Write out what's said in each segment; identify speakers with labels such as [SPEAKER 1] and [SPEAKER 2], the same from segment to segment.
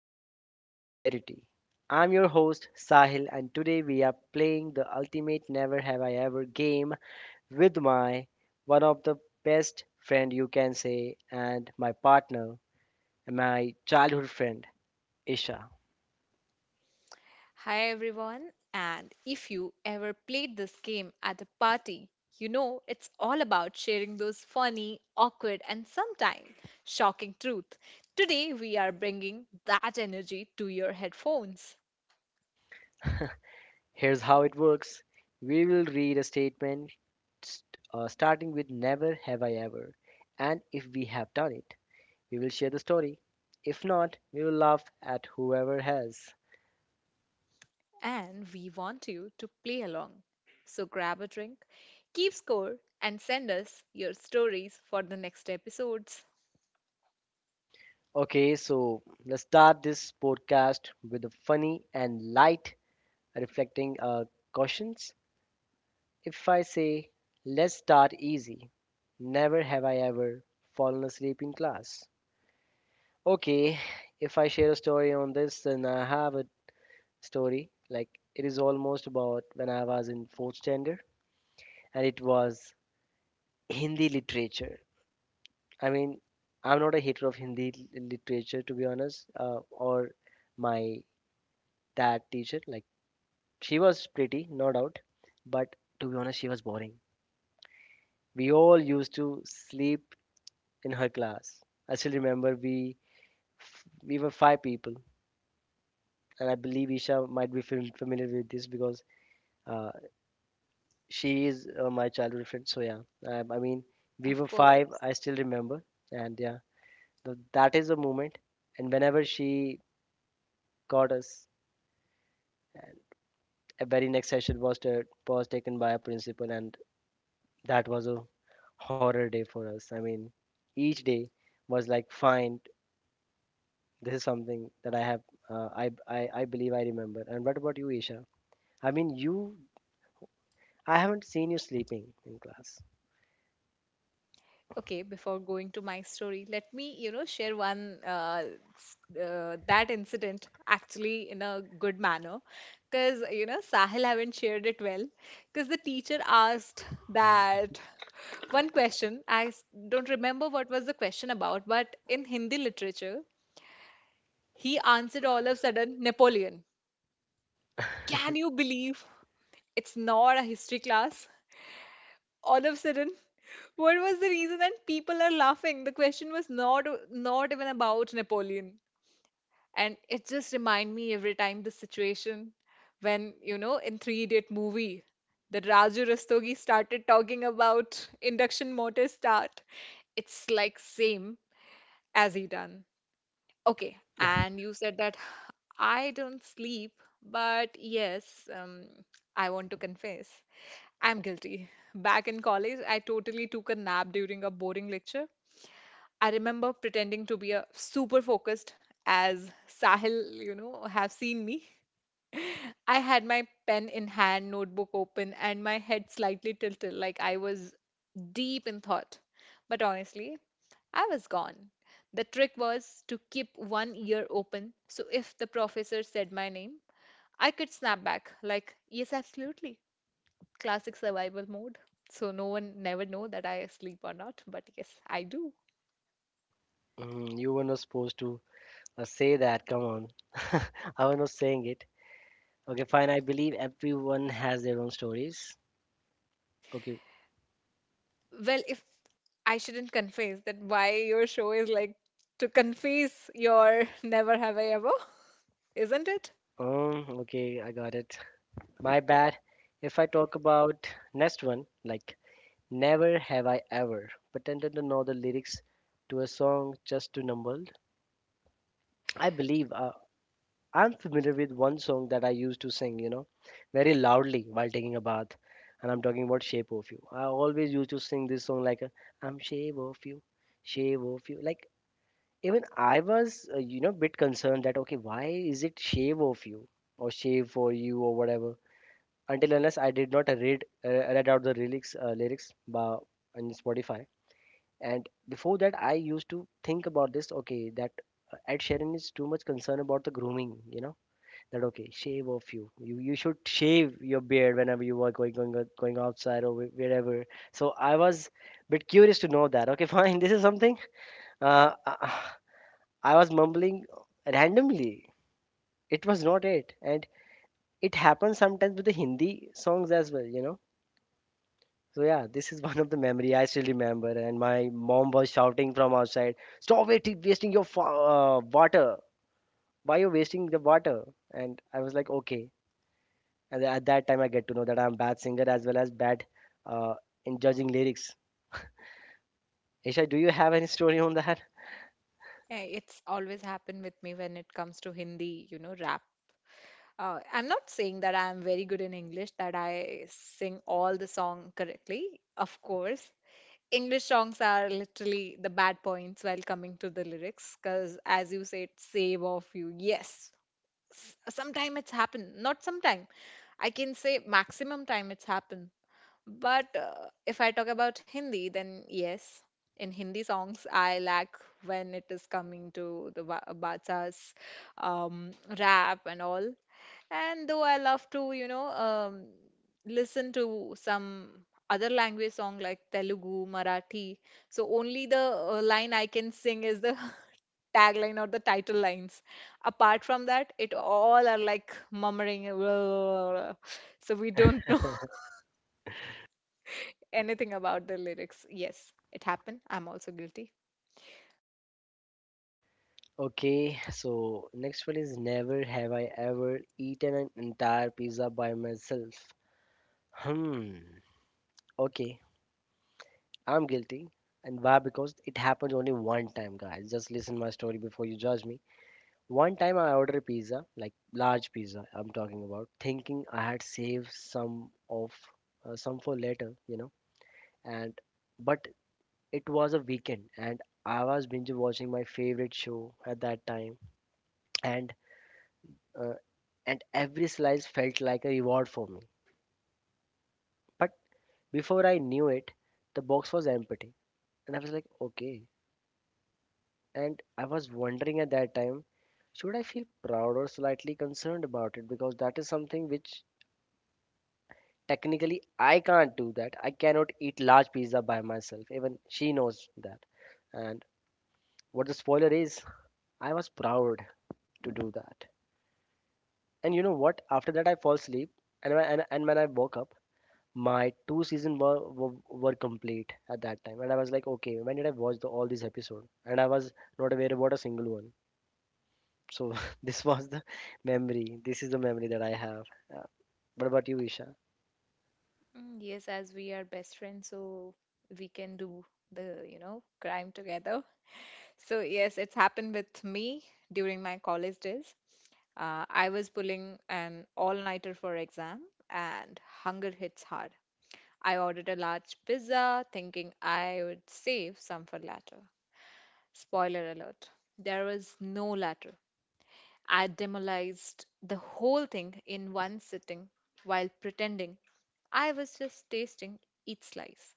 [SPEAKER 1] meets hilarity. I'm your host, Sahil, and today we are playing the ultimate Never Have I Ever game with my one of the best friend you can say, and my partner, and my childhood friend, Isha.
[SPEAKER 2] Hi everyone, and if you ever played this game at a party, you know it's all about sharing those funny, awkward, and sometimes shocking truth. Today we are bringing that energy to your headphones,
[SPEAKER 1] Here's how it works, we will read a statement starting with Never Have I Ever, and if we have done it, we will share the story. If not, we will laugh at whoever has.
[SPEAKER 2] and we want you to play along. So grab a drink, keep score, and send us your stories for the next episodes.
[SPEAKER 1] Okay, so let's start this podcast with a funny and light reflecting cautions. If I say, let's start easy, never have I ever fallen asleep in class. Okay, if I share a story on this, then I have a story. Like, it is almost about when I was in fourth standard, and it was Hindi literature. I mean, I'm not a hater of Hindi literature to be honest, or my dad teacher. Like, she was pretty, no doubt, but to be honest, she was boring. We all used to sleep in her class. I still remember we we were five people, and I believe Isha might be familiar with this because uh, she is my childhood friend. So yeah, I mean, we
[SPEAKER 2] Of
[SPEAKER 1] were five.
[SPEAKER 2] course.
[SPEAKER 1] I still remember, and yeah, that is a moment. And whenever she got us, a very next session was taken by a principal, and that was a horror day for us. I mean, each day was like fine. This is something that I have, uh, I, I believe I remember. And what about you, Isha? I mean, you I haven't seen you sleeping in class.
[SPEAKER 2] Okay, before going to my story, let me share one that incident actually in a good manner, because you know Sahil haven't shared it well, because the teacher asked that one question. I don't remember what was the question about, but in Hindi literature, he answered all of a sudden Napoleon. Can you believe it's not a history class? All of a sudden what was the reason and people are laughing. The question was not even about Napoleon, and it just remind me every time the situation when you know in Three Idiot movie that Raju Rastogi started talking about induction motor start. It's like same as he done. Okay, and you said that I don't sleep, but yes, um, I want to confess I'm guilty. Back in college, I totally took a nap during a boring lecture. I remember pretending to be a super focused as Sahil, you know, have seen me. I had my pen in hand, notebook open, and my head slightly tilted like I was deep in thought. But honestly, I was gone. The trick was to keep one ear open, so if the professor said my name, I could snap back like, yes, absolutely, classic survival mode. So no one never know that I sleep or not, but yes, I do.
[SPEAKER 1] Mm, you were not supposed to say that, come on. I was not saying it. Okay, fine, I believe everyone has their own stories. Okay.
[SPEAKER 2] Well, if I shouldn't confess that, why your show is like to confess your never have I ever, isn't it?
[SPEAKER 1] Okay, I got it. My bad. If I talk about next one, like, never have I ever pretended to know the lyrics to a song just to number. I believe I'm familiar with one song that I used to sing, very loudly while taking a bath. And I'm talking about Shape of You. I always used to sing this song like, I'm Shape of You, Shape of You. Like, even I was, bit concerned that, okay, why is it Shave of You or Shave for You or whatever? Until unless I did not read out the lyrics on Spotify. And before that, I used to think about this. Okay, that Ed Sheeran is too much concerned about the grooming. You know that, okay, shave off you. You should shave your beard whenever you are going outside, or wherever. So I was a bit curious to know that. Okay, fine. This is something. Uh, I was mumbling randomly. It was not it, and it happens sometimes with the Hindi songs as well. So yeah, this is one of the memory I still remember. And my mom was shouting from outside, "Stop it, wasting your water! Why you wasting the water?" And I was like, "Okay." And then at that time, I get to know that I'm bad singer as well as bad uh, in judging lyrics. Isha, do you have any story on that?
[SPEAKER 2] Yeah, it's always happened with me when it comes to Hindi, you know, rap. I'm not saying that I'm very good in English, that I sing all the song correctly, of course. English songs are literally the bad points while coming to the lyrics because, as you said, save of you. Yes, sometime it's happened. Not sometime, I can say maximum time it's happened. But if I talk about Hindi, then yes, in Hindi songs I lack when it is coming to the bacha's um, rap and all. And though I love to, you know, listen to some other language song like Telugu, Marathi, so only the line I can sing is the tagline or the title lines. Apart from that, it all are like murmuring. So we don't know anything about the lyrics. Yes, it happened. I'm also guilty.
[SPEAKER 1] Okay, so next one is never have I ever eaten an entire pizza by myself. Hmm. Okay, I'm guilty. And why? Because it happens only one time, guys. Just listen my story before you judge me. One time I ordered a pizza, like large pizza I'm talking about, thinking I had saved some for later. And but it was a weekend, and I was binge watching my favorite show at that time, and uh, and every slice felt like a reward for me. But before I knew it, the box was empty. And I was like, okay, and I was wondering at that time, should I feel proud or slightly concerned about it? Because that is something which technically I can't do that. I cannot eat large pizza by myself. Even she knows that. And what the spoiler is, I was proud to do that. And you know what? After that, I fall asleep. And when I woke up, my two seasons were complete at that time. And I was like, okay, when did I watch all these episodes? And I was not aware about a single one. So this was the memory. This is the memory that I have. Uh, what about you, Isha?
[SPEAKER 2] Mm, yes, as we are best friends, so we can do the, you know, crime together. So, yes, it's happened with me during my college days. I was pulling an all-nighter for exam, and hunger hits hard. I ordered a large pizza, thinking I would save some for later. Spoiler alert, there was no latter. I demolished the whole thing in one sitting while pretending I was just tasting each slice.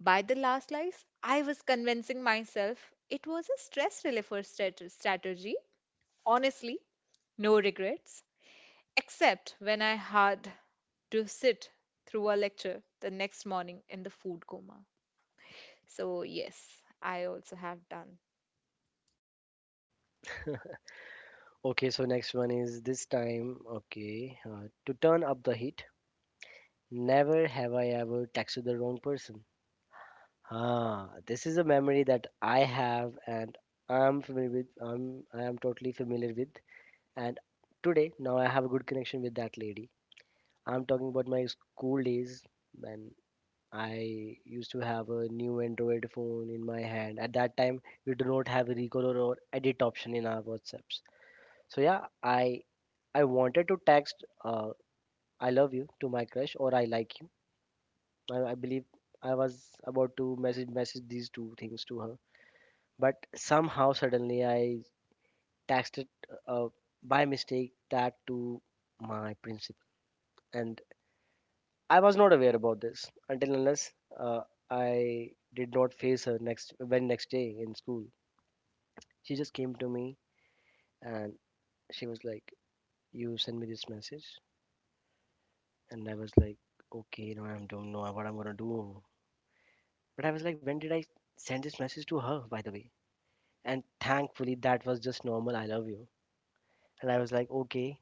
[SPEAKER 2] By the last slice, I was convincing myself it was a stress reliever strategy. Honestly, no regrets, except when I had to sit through a lecture the next morning in the food coma. So, yes, I also have done.
[SPEAKER 1] Okay, so next one is this time. Okay, to turn up the heat. Never have I ever texted the wrong person. Ah, this is a memory that I have and I'm familiar with. I am totally familiar with. And today now I have a good connection with that lady. I'm talking about my school days when I used to have a new Android phone in my hand. At that time, we do not have recolor or edit option in our WhatsApps. So yeah, I wanted to text, I love you, to my crush, or I like you. I believe I was about to message these two things to her, but somehow suddenly I texted, uh, by mistake, that to my principal, and I was not aware about this until unless uh, I did not face her next day in school. She just came to me, and she was like, "You send me this message," and I was like, "Okay, I don't know what I'm gonna do." But I was like, "When did I send this message to her, by the way?" And thankfully, that was just normal. I love you. And I was like, "Okay,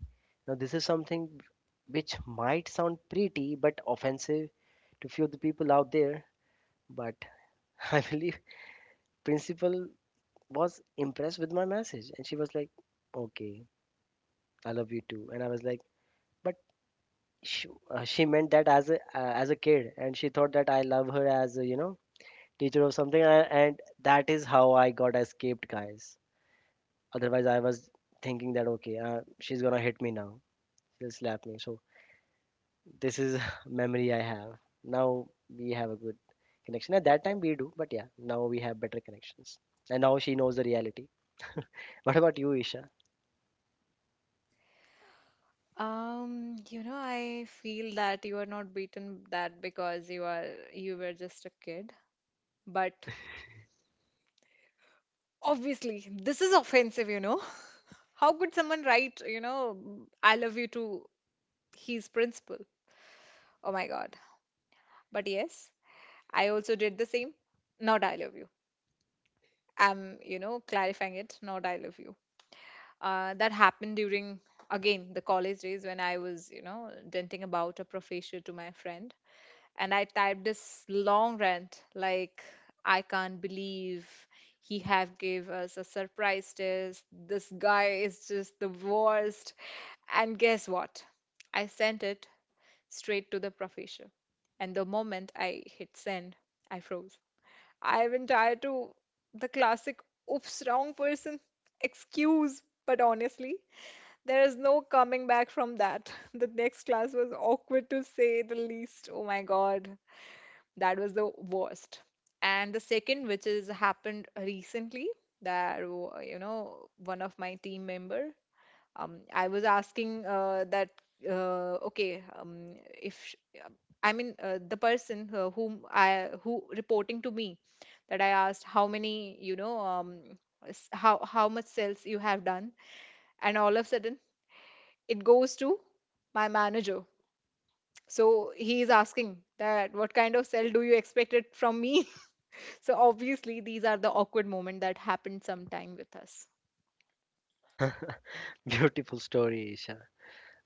[SPEAKER 1] now this is something which might sound pretty but offensive to few of the people out there." But I believe principle was impressed with my message, and she was like, "Okay, I love you too." And I was like, "But..." She meant that as a kid, and she thought that I love her as a teacher or something. And that is how I got escaped, guys. Otherwise, I was thinking that, okay, she's gonna hit me now, she'll slap me. So this is memory I have. Now we have a good connection. At that time we do, but yeah, now we have better connections, and now she knows the reality. What about you, Isha?
[SPEAKER 2] You know, I feel that you are not beaten that because you are you were just a kid. But obviously, this is offensive, you know. How could someone write, you know, I love you to his principal? Oh my God. But yes, I also did the same. Not I love you. I'm, you know, clarifying it, not I love you. That happened during again the college days when I was, you know, denting about a professor to my friend, and I typed this long rant like I can't believe he have gave us a surprise test. This guy is just the worst. And guess what? I sent it straight to the professor. And the moment I hit send, I froze. I went tired to the classic oops wrong person excuse, but honestly, there is no coming back from that. The next class was awkward to say the least. Oh my god, that was the worst. And the second which is happened recently, that you know, one of my team member, I was asking that okay, if I mean the person whom I who reporting to me, that I asked how many, you know, how much sales you have done, and all of a sudden it goes to my manager. So he is asking that what kind of sale do you expect it from me. So obviously these are the awkward moment that happened sometime with us.
[SPEAKER 1] Beautiful story, Isha.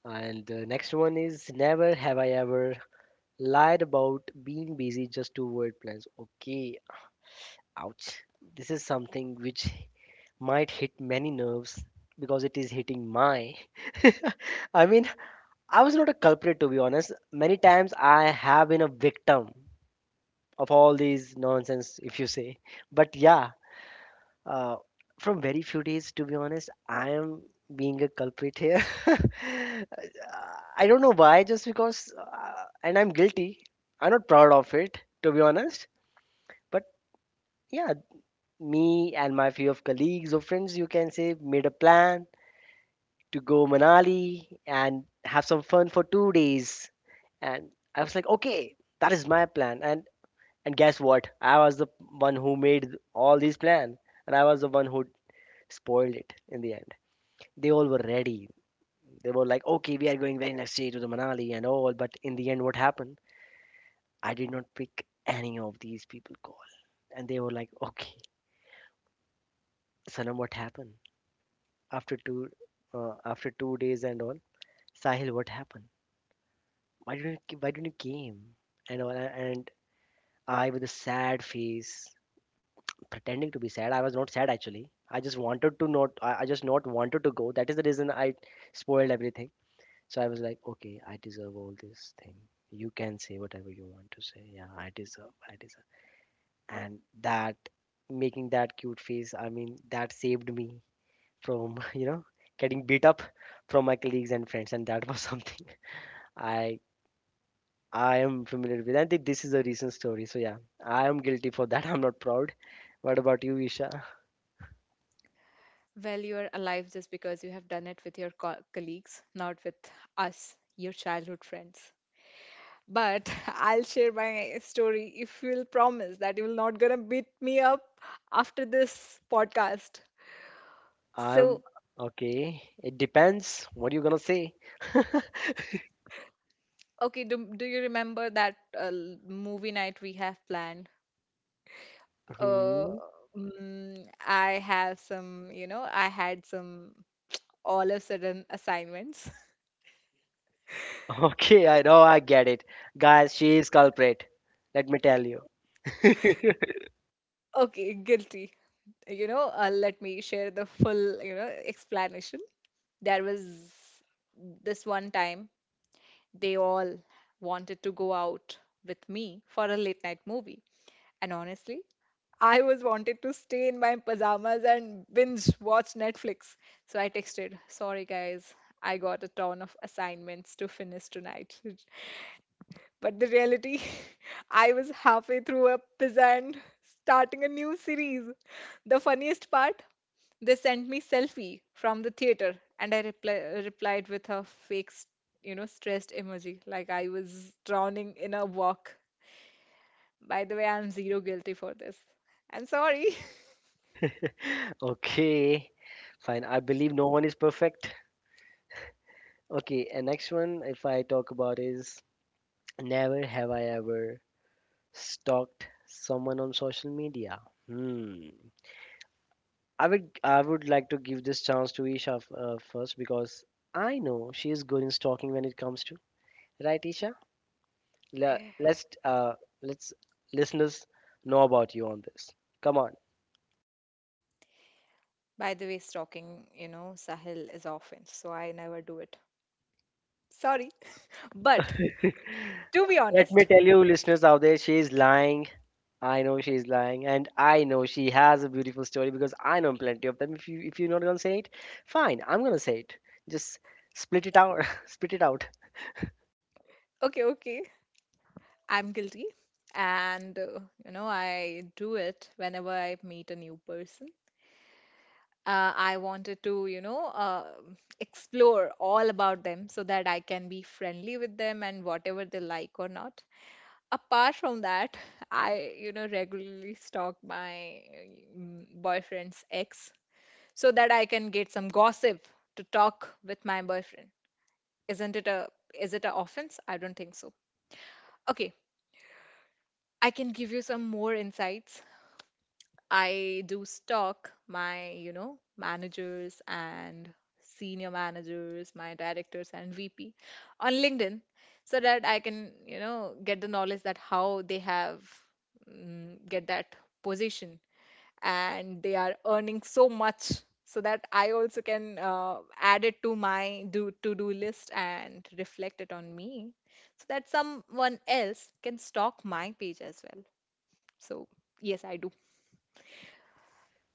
[SPEAKER 1] And the next one is never have I ever lied about being busy just to avoid plans. Okay, ouch. This is something which might hit many nerves because it is hitting my. I mean, I was not a culprit to be honest. Many times I have been a victim of all these nonsense, if you say. But yeah. Uh, from very few days, to be honest, I am being a culprit here. I don't know why, just because, and I'm guilty. I'm not proud of it, to be honest. But yeah, me and my few of colleagues or friends, you can say, made a plan to go Manali and have some fun for 2 days. And I was like, okay, that is my plan. And guess what? I was the one who made all these plan, and I was the one who spoiled it in the end. They all were ready. They were like, okay, we are going very next day to the Manali and all. But in the end, what happened? I did not pick any of these people call, and they were like, okay, Sanam, what happened after 2 days and all? Sahil, what happened? Why didn't you came and all? And I, with a sad face, pretending to be sad. I was not sad actually. I just wanted to not. I just not wanted to go. That is the reason I spoiled everything. So I was like, okay, I deserve all this thing. You can say whatever you want to say. Yeah, I deserve, I deserve. And that making that cute face, I mean, that saved me from, getting beat up from my colleagues and friends. And that was something I I am familiar with. And this is a recent story. So yeah, I am guilty for that. I'm not proud. What about you, Isha?
[SPEAKER 2] Well, you are alive just because you have done it with your colleagues, not with us, your childhood friends. But I'll share my story if you'll promise that you will not gonna beat me up after this podcast. So,
[SPEAKER 1] I'm. Okay, it depends. What are you gonna say?
[SPEAKER 2] okay, do, do you remember that movie night we have planned? Uh,
[SPEAKER 1] Hmm.
[SPEAKER 2] mm, I have some, you know, I had some all of sudden assignments.
[SPEAKER 1] Okay, I know, I get it. Guys, she is culprit. Let me tell you.
[SPEAKER 2] Okay, guilty. You know, let me share the full, you know, explanation. There was this one time they all wanted to go out with me for a late night movie. And honestly, I was wanted to stay in my pajamas and binge watch Netflix. So I texted, sorry guys, I got a ton of assignments to finish tonight. But the reality, I was halfway through a pizza and starting a new series. The funniest part, they sent me selfie from the theater and I replied with a fake, you know, stressed emoji like I was drowning in a walk. By the way, I'm zero guilty for this. I'm sorry.
[SPEAKER 1] Okay, fine. I believe no one is perfect. Okay, and next one, if I talk about is never have I ever stalked someone on social media. Hmm. I would like to give this chance to Isha, first because I know she is good in stalking when it comes to right, Isha. Le- let's uh let's listeners know about you on this. Come on.
[SPEAKER 2] By the way, stalking, you know, Sahil is offense, so I never do it. Sorry. But to be
[SPEAKER 1] Let me
[SPEAKER 2] honest,
[SPEAKER 1] tell you, listeners out there, she is lying. I know she is lying, and I know she has a beautiful story because I know plenty of them. If you're not gonna say it, fine, I'm gonna say it. Just split it out, split it out.
[SPEAKER 2] okay, okay, I'm guilty. And, you know, I do it whenever I meet a new person. I wanted to, you know, explore all about them so that I can be friendly with them and whatever they like or not. Apart from that, I, you know, regularly stalk my boyfriend's ex so that I can get some gossip to talk with my boyfriend. Isn't it a, is it a offense? I don't think so. Okay, I can give you some more insights. I do stalk my, you know, managers and senior managers, my directors and VP on LinkedIn so that I can, you know, get the knowledge that how they have get that position and they are earning so much, so that I also can add it to my do to-do list and reflect it on me so that someone else can stalk my page as well. So, yes, I do.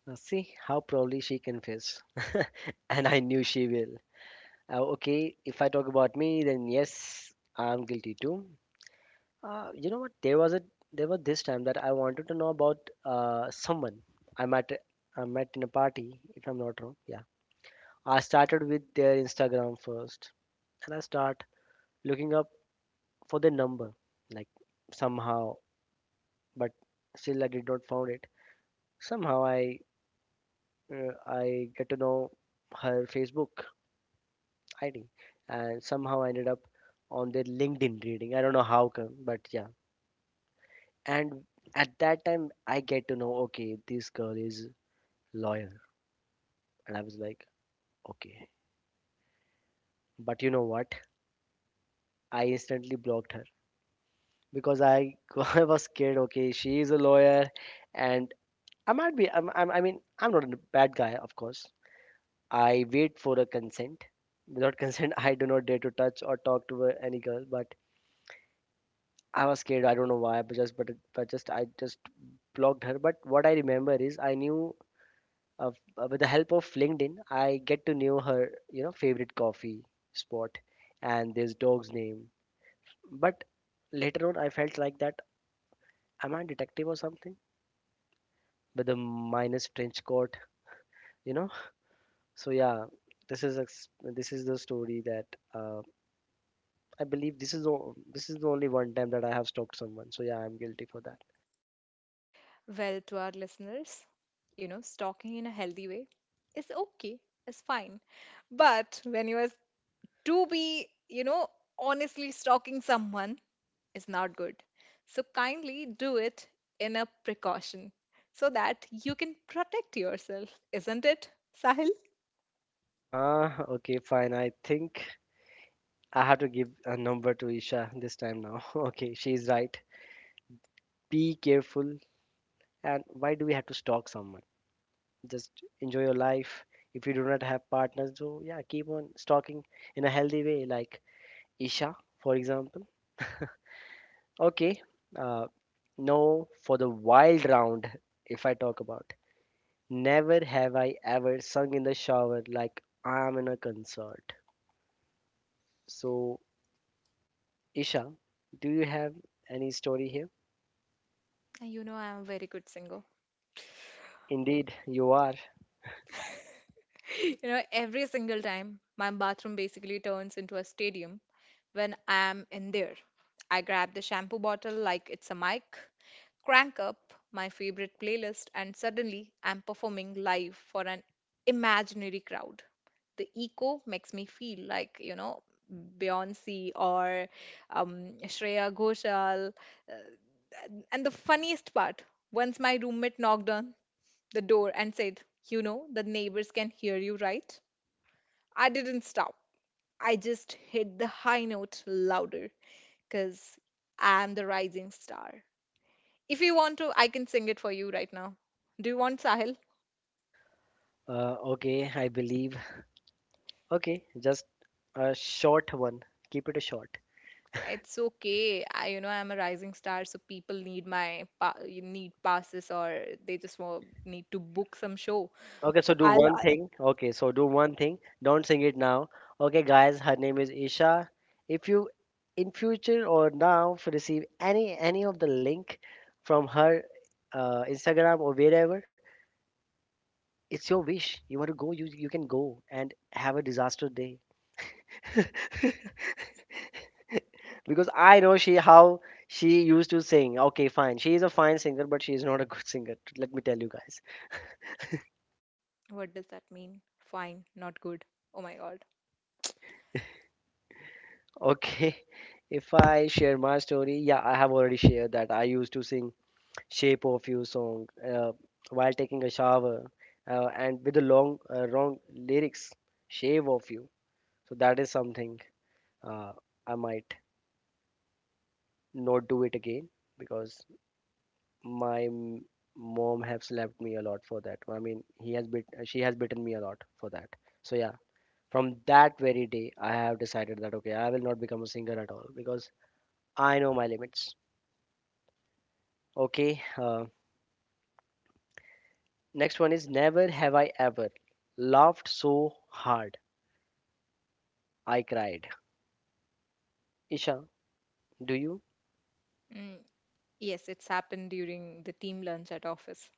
[SPEAKER 1] See how proudly she confessed, and I knew she will. Okay, if I talk about me, then yes, I'm guilty too. You know what? There was this time that I wanted to know about someone I met I met in a party, if I'm not wrong. Yeah, I started with their Instagram first, and I start looking up for their number, like somehow, but still I did not found it. Somehow I get to know her Facebook ID, and somehow I ended up on their LinkedIn reading. I don't know how come, but yeah. And at that time, I get to know, okay, this girl is lawyer, and I was like, okay. But you know what? I instantly blocked her because I I was scared. Okay, she is a lawyer, and I might be. I mean, I'm not a bad guy, of course. I wait for a consent. Without consent, I do not dare to touch or talk to any girl. But I was scared. I don't know why. But just, but, it- but just, I just blocked her. But what I remember is, I knew with the help of LinkedIn, I get to know her. You know, favorite coffee spot, and this dog's name. But later on, I felt like that. Am I a detective or something? With the minus trench coat, you know. So yeah, this is the story that uh, I believe this is the only one time that I have stalked someone. So yeah, I'm guilty for that.
[SPEAKER 2] Well, to our listeners, you know, stalking in a healthy way is okay, is fine. But when you are to be, you know, honestly stalking someone is not good. So kindly do it in a precaution so that you can protect yourself, isn't it, Sahil?
[SPEAKER 1] Huh, okay, fine. I think I have to give a number to Isha this time now. Okay, she's right. Be careful. And why do we have to stalk someone? Just enjoy your life. If you do not have partners, so yeah, keep on stalking in a healthy way like Isha, for example. Okay. Uh, no, for the wild round, if I talk about. Never have I ever sung in the shower like I am in a concert. So, Isha, do you have any story here?
[SPEAKER 2] You know, I am a very good singer.
[SPEAKER 1] Indeed, you are.
[SPEAKER 2] You know, every single time my bathroom basically turns into a stadium when I am in there. I grab the shampoo bottle like it's a mic, crank up my favorite playlist, and suddenly I'm performing live for an imaginary crowd. The echo makes me feel like, you know, Beyonce or Shreya Ghoshal. uh, And the funniest part, once my roommate knocked on the door and said, you know, the neighbors can hear you, right? I didn't stop. I just hit the high note louder because I'm the rising star. If you want to, I can sing it for you right now. Do you want Sahil?
[SPEAKER 1] Okay, I believe. Okay, just a short one. Keep it short.
[SPEAKER 2] It's okay. I, you know, I'm a rising star, so people need my you need passes or they just want, need to book some show. I'll.
[SPEAKER 1] Okay, so do one thing. Don't sing it now. Okay, guys, her name is Isha. If you in future or now receive any of the link from her Instagram or wherever, it's your wish. You want to go, you can go and have a disaster day. Because I know she how she used to sing. Okay, fine. She is a fine singer, but she is not a good singer. Let me tell you guys.
[SPEAKER 2] What does that mean? Fine, not good. Oh my God.
[SPEAKER 1] Okay, if I share my story, yeah, I have already shared that I used to sing "Shape of You" song, uh, while taking a shower, and with the long wrong lyrics, "Shave of You." So that is something uh, I might not do it again because my m- mom has slapped me a lot for that. I mean, he has bit, she has bitten me a lot for that. So yeah, from that very day, I have decided that okay, I will not become a singer at all because I know my limits. Okay, next one is never have I ever laughed so hard I cried. Isha, do you?
[SPEAKER 2] Mm, yes, it's happened during the team lunch at office.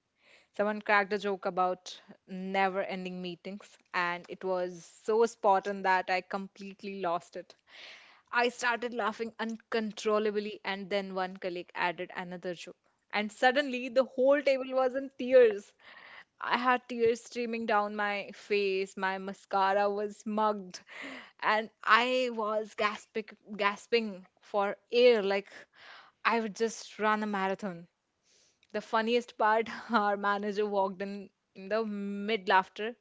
[SPEAKER 2] Someone cracked a joke about never ending meetings, and it was so spot on that I completely lost it. I started laughing uncontrollably, and then one colleague added another joke. And suddenly, the whole table was in tears. I had tears streaming down my face, my mascara was mugged, and I was gasping for air like I would just run a marathon. The funniest part, our manager walked in the mid laughter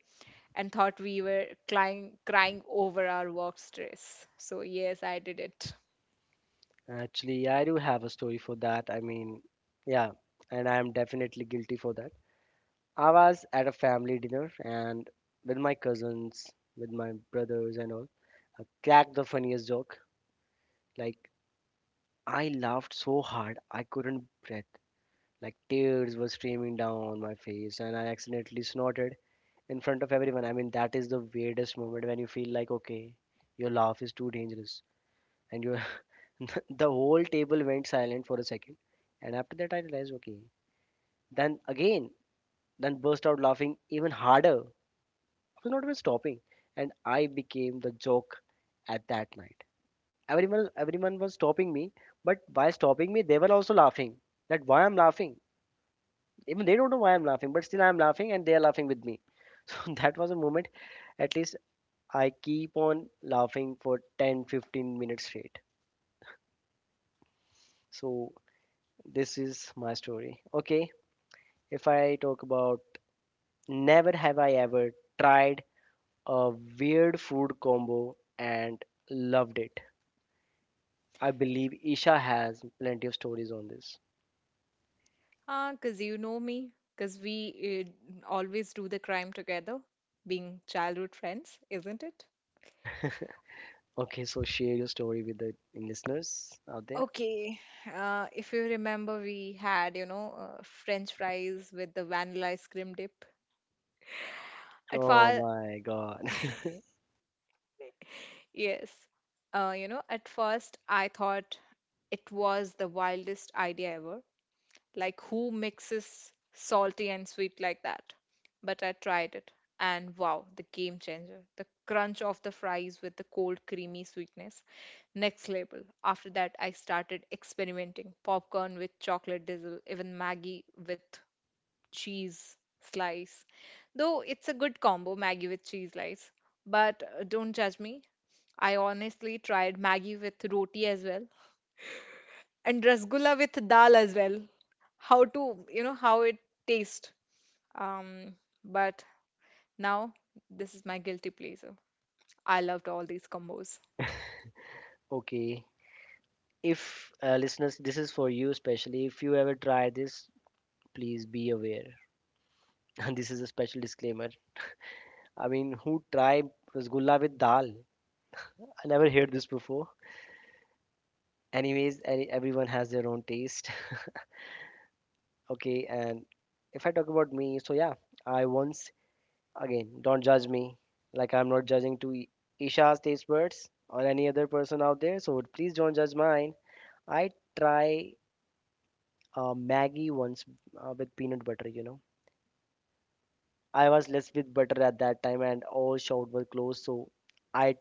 [SPEAKER 2] and thought we were crying over our work stress. So, yes, I did it.
[SPEAKER 1] Actually, yeah, I do have a story for that. I mean, yeah, and I am definitely guilty for that. I was at a family dinner and with my cousins, with my brothers, and all. I cracked the funniest joke. Like, I laughed so hard I couldn't breathe. Like, tears were streaming down my face, and I accidentally snorted in front of everyone. I mean, that is the weirdest moment when you feel like, okay, your laugh is too dangerous. And you, the whole table went silent for a second. And after that, I realized, okay. Then again, then burst out laughing even harder. I was not even stopping. And I became the joke at that night. Everyone was stopping me, but by stopping me, they were also laughing. That why I'm laughing. Even they don't know why I'm laughing, but still I'm laughing and they are laughing with me. So that was a moment at least I keep on laughing for 10 15 minutes straight. So, this is my story. Okay, if I talk about never have I ever tried a weird food combo and loved it. I believe Isha has plenty of stories on this.
[SPEAKER 2] Ah, because you know me, because we always do the crime together, being childhood friends, isn't it?
[SPEAKER 1] Okay, so share your story with the listeners out there.
[SPEAKER 2] Okay, if you remember, we had, you know, French fries with the vanilla ice cream dip. At,
[SPEAKER 1] Oh
[SPEAKER 2] far,
[SPEAKER 1] my god.
[SPEAKER 2] yes. You know, at first I thought it was the wildest idea ever. Like, who mixes salty and sweet like that? But I tried it, and wow, the game changer. The crunch of the fries with the cold, creamy sweetness. Next level. After that, I started experimenting popcorn with chocolate drizzle, even Maggie with cheese slice. Though it's a good combo, Maggie with cheese slice. But don't judge me. I honestly tried Maggie with roti as well and rasgulla with dal as well. How to, you know, how it tastes. Um, but now this is my guilty pleasure. I loved all these combos.
[SPEAKER 1] Okay, if listeners, this is for you especially. If you ever try this, please be aware. And this is a special disclaimer. I mean, who tried rasgulla with dal? I never heard this before. Anyways, everyone has their own taste. Okay, and if I talk about me, so yeah, I once, again, don't judge me. Like, I'm not judging to Isha's taste buds or any other person out there, so please don't judge mine. I try Maggie once with peanut butter, you know. I was less with butter at that time, and all shops were closed, so I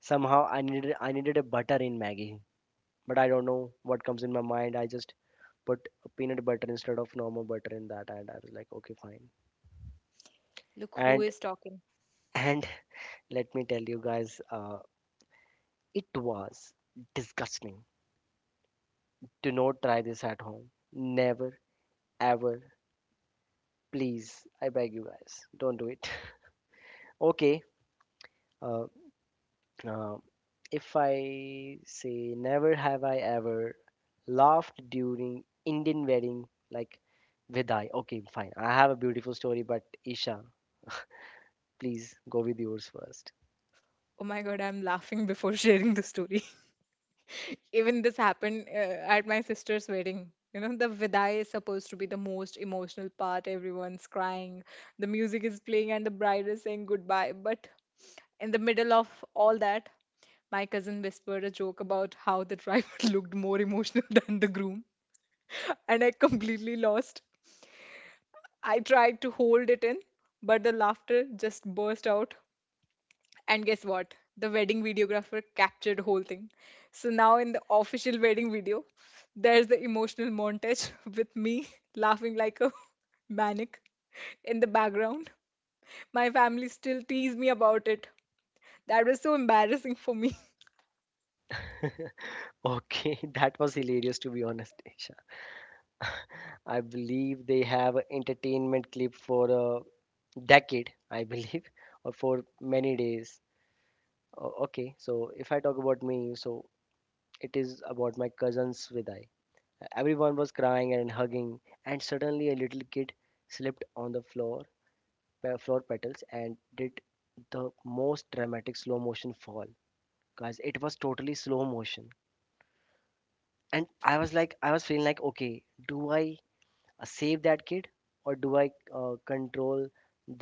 [SPEAKER 1] somehow I needed a butter in Maggie, but I don't know what comes in my mind. I just put peanut butter instead of normal butter in that, and I was like, okay, fine.
[SPEAKER 2] Look who
[SPEAKER 1] And
[SPEAKER 2] is talking.
[SPEAKER 1] and let me tell you guys, it was disgusting. Do not try this at home. Never, ever, please. I beg you guys, don't do it. Okay. Uh, uh, if I say never have I ever laughed during Indian wedding, like Vidai. Okay, fine. I have a beautiful story, but Isha, please go with yours first.
[SPEAKER 2] Oh my god, I'm laughing before sharing the story. Even this happened at my sister's wedding. You know, the vidai is supposed to be the most emotional part. Everyone's crying, the music is playing, and the bride is saying goodbye. But in the middle of all that, my cousin whispered a joke about how the driver looked more emotional than the groom, and I completely lost. I tried to hold it in, but the laughter just burst out. And guess what? The wedding videographer captured the whole thing. So now in the official wedding video, there's the emotional montage with me laughing like a maniac in the background. My family still tease me about it. That was so embarrassing for me.
[SPEAKER 1] Okay, that was hilarious to be honest, Isha. I believe they have a entertainment clip for a decade, I believe, or for many days. O- Okay, so if I talk about me, so it is about my cousins Vidai. Everyone was crying and hugging, and suddenly a little kid slipped on the floor, floor petals, and did the most dramatic slow motion fall. Guys, it was totally slow motion. And I was feeling like, okay, do I save that kid, or do I control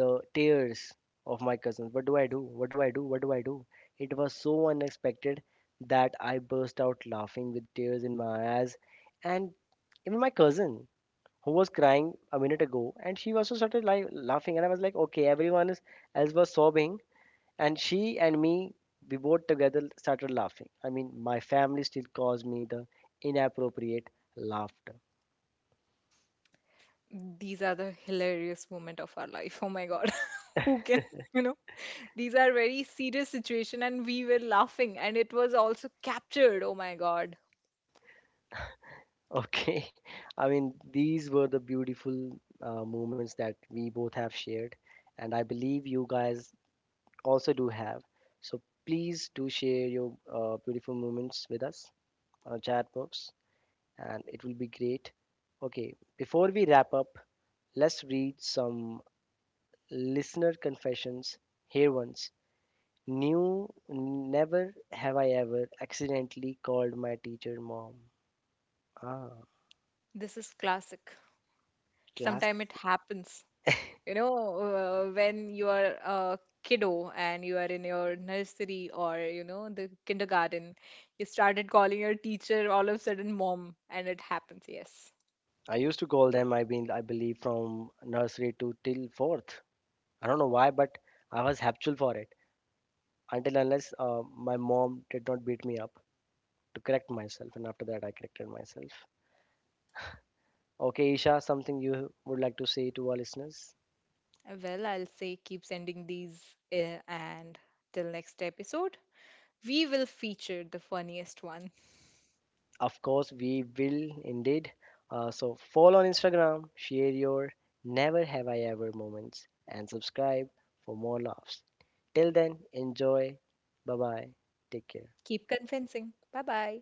[SPEAKER 1] the tears of my cousins? What do I do, what do I do, what do I do? It was so unexpected that I burst out laughing with tears in my eyes. And even my cousin who was crying a minute ago, and she also started laughing, and I was like, okay, else was sobbing, and she and me, we both together started laughing. I mean, my family still calls me the inappropriate laughter.
[SPEAKER 2] These are the hilarious moment of our life. Oh my god. Who can, you know? These are very serious situation and we were laughing and it was also captured. Oh my god.
[SPEAKER 1] Okay. I mean, these were the beautiful moments that we both have shared. And I believe you guys also do have. So please do share your beautiful moments with us on our chat box. And it will be great. Okay. Before we wrap up, let's read some listener confessions here once. New, never have I ever accidentally called my teacher mom. Ah,
[SPEAKER 2] This is classic.
[SPEAKER 1] class.
[SPEAKER 2] Sometime it happens. You know, when you are a kiddo and you are in your nursery or, you know, the kindergarten, you started calling your teacher all of a sudden mom, and it happens, yes.
[SPEAKER 1] I used to call them. I mean, I believe from nursery to till fourth. I don't know why, but I was habitual for it until unless my mom did not beat me up to correct myself, and after that I corrected myself. Okay, Isha, something you would like to say to our listeners?
[SPEAKER 2] Well, I'll say keep sending these, and till next episode, we will feature the funniest one.
[SPEAKER 1] Of course, we will indeed. So follow on Instagram, share your never have I ever moments, and subscribe for more laughs. Till then, enjoy. Bye bye. Take care.
[SPEAKER 2] Keep convincing. Bye bye.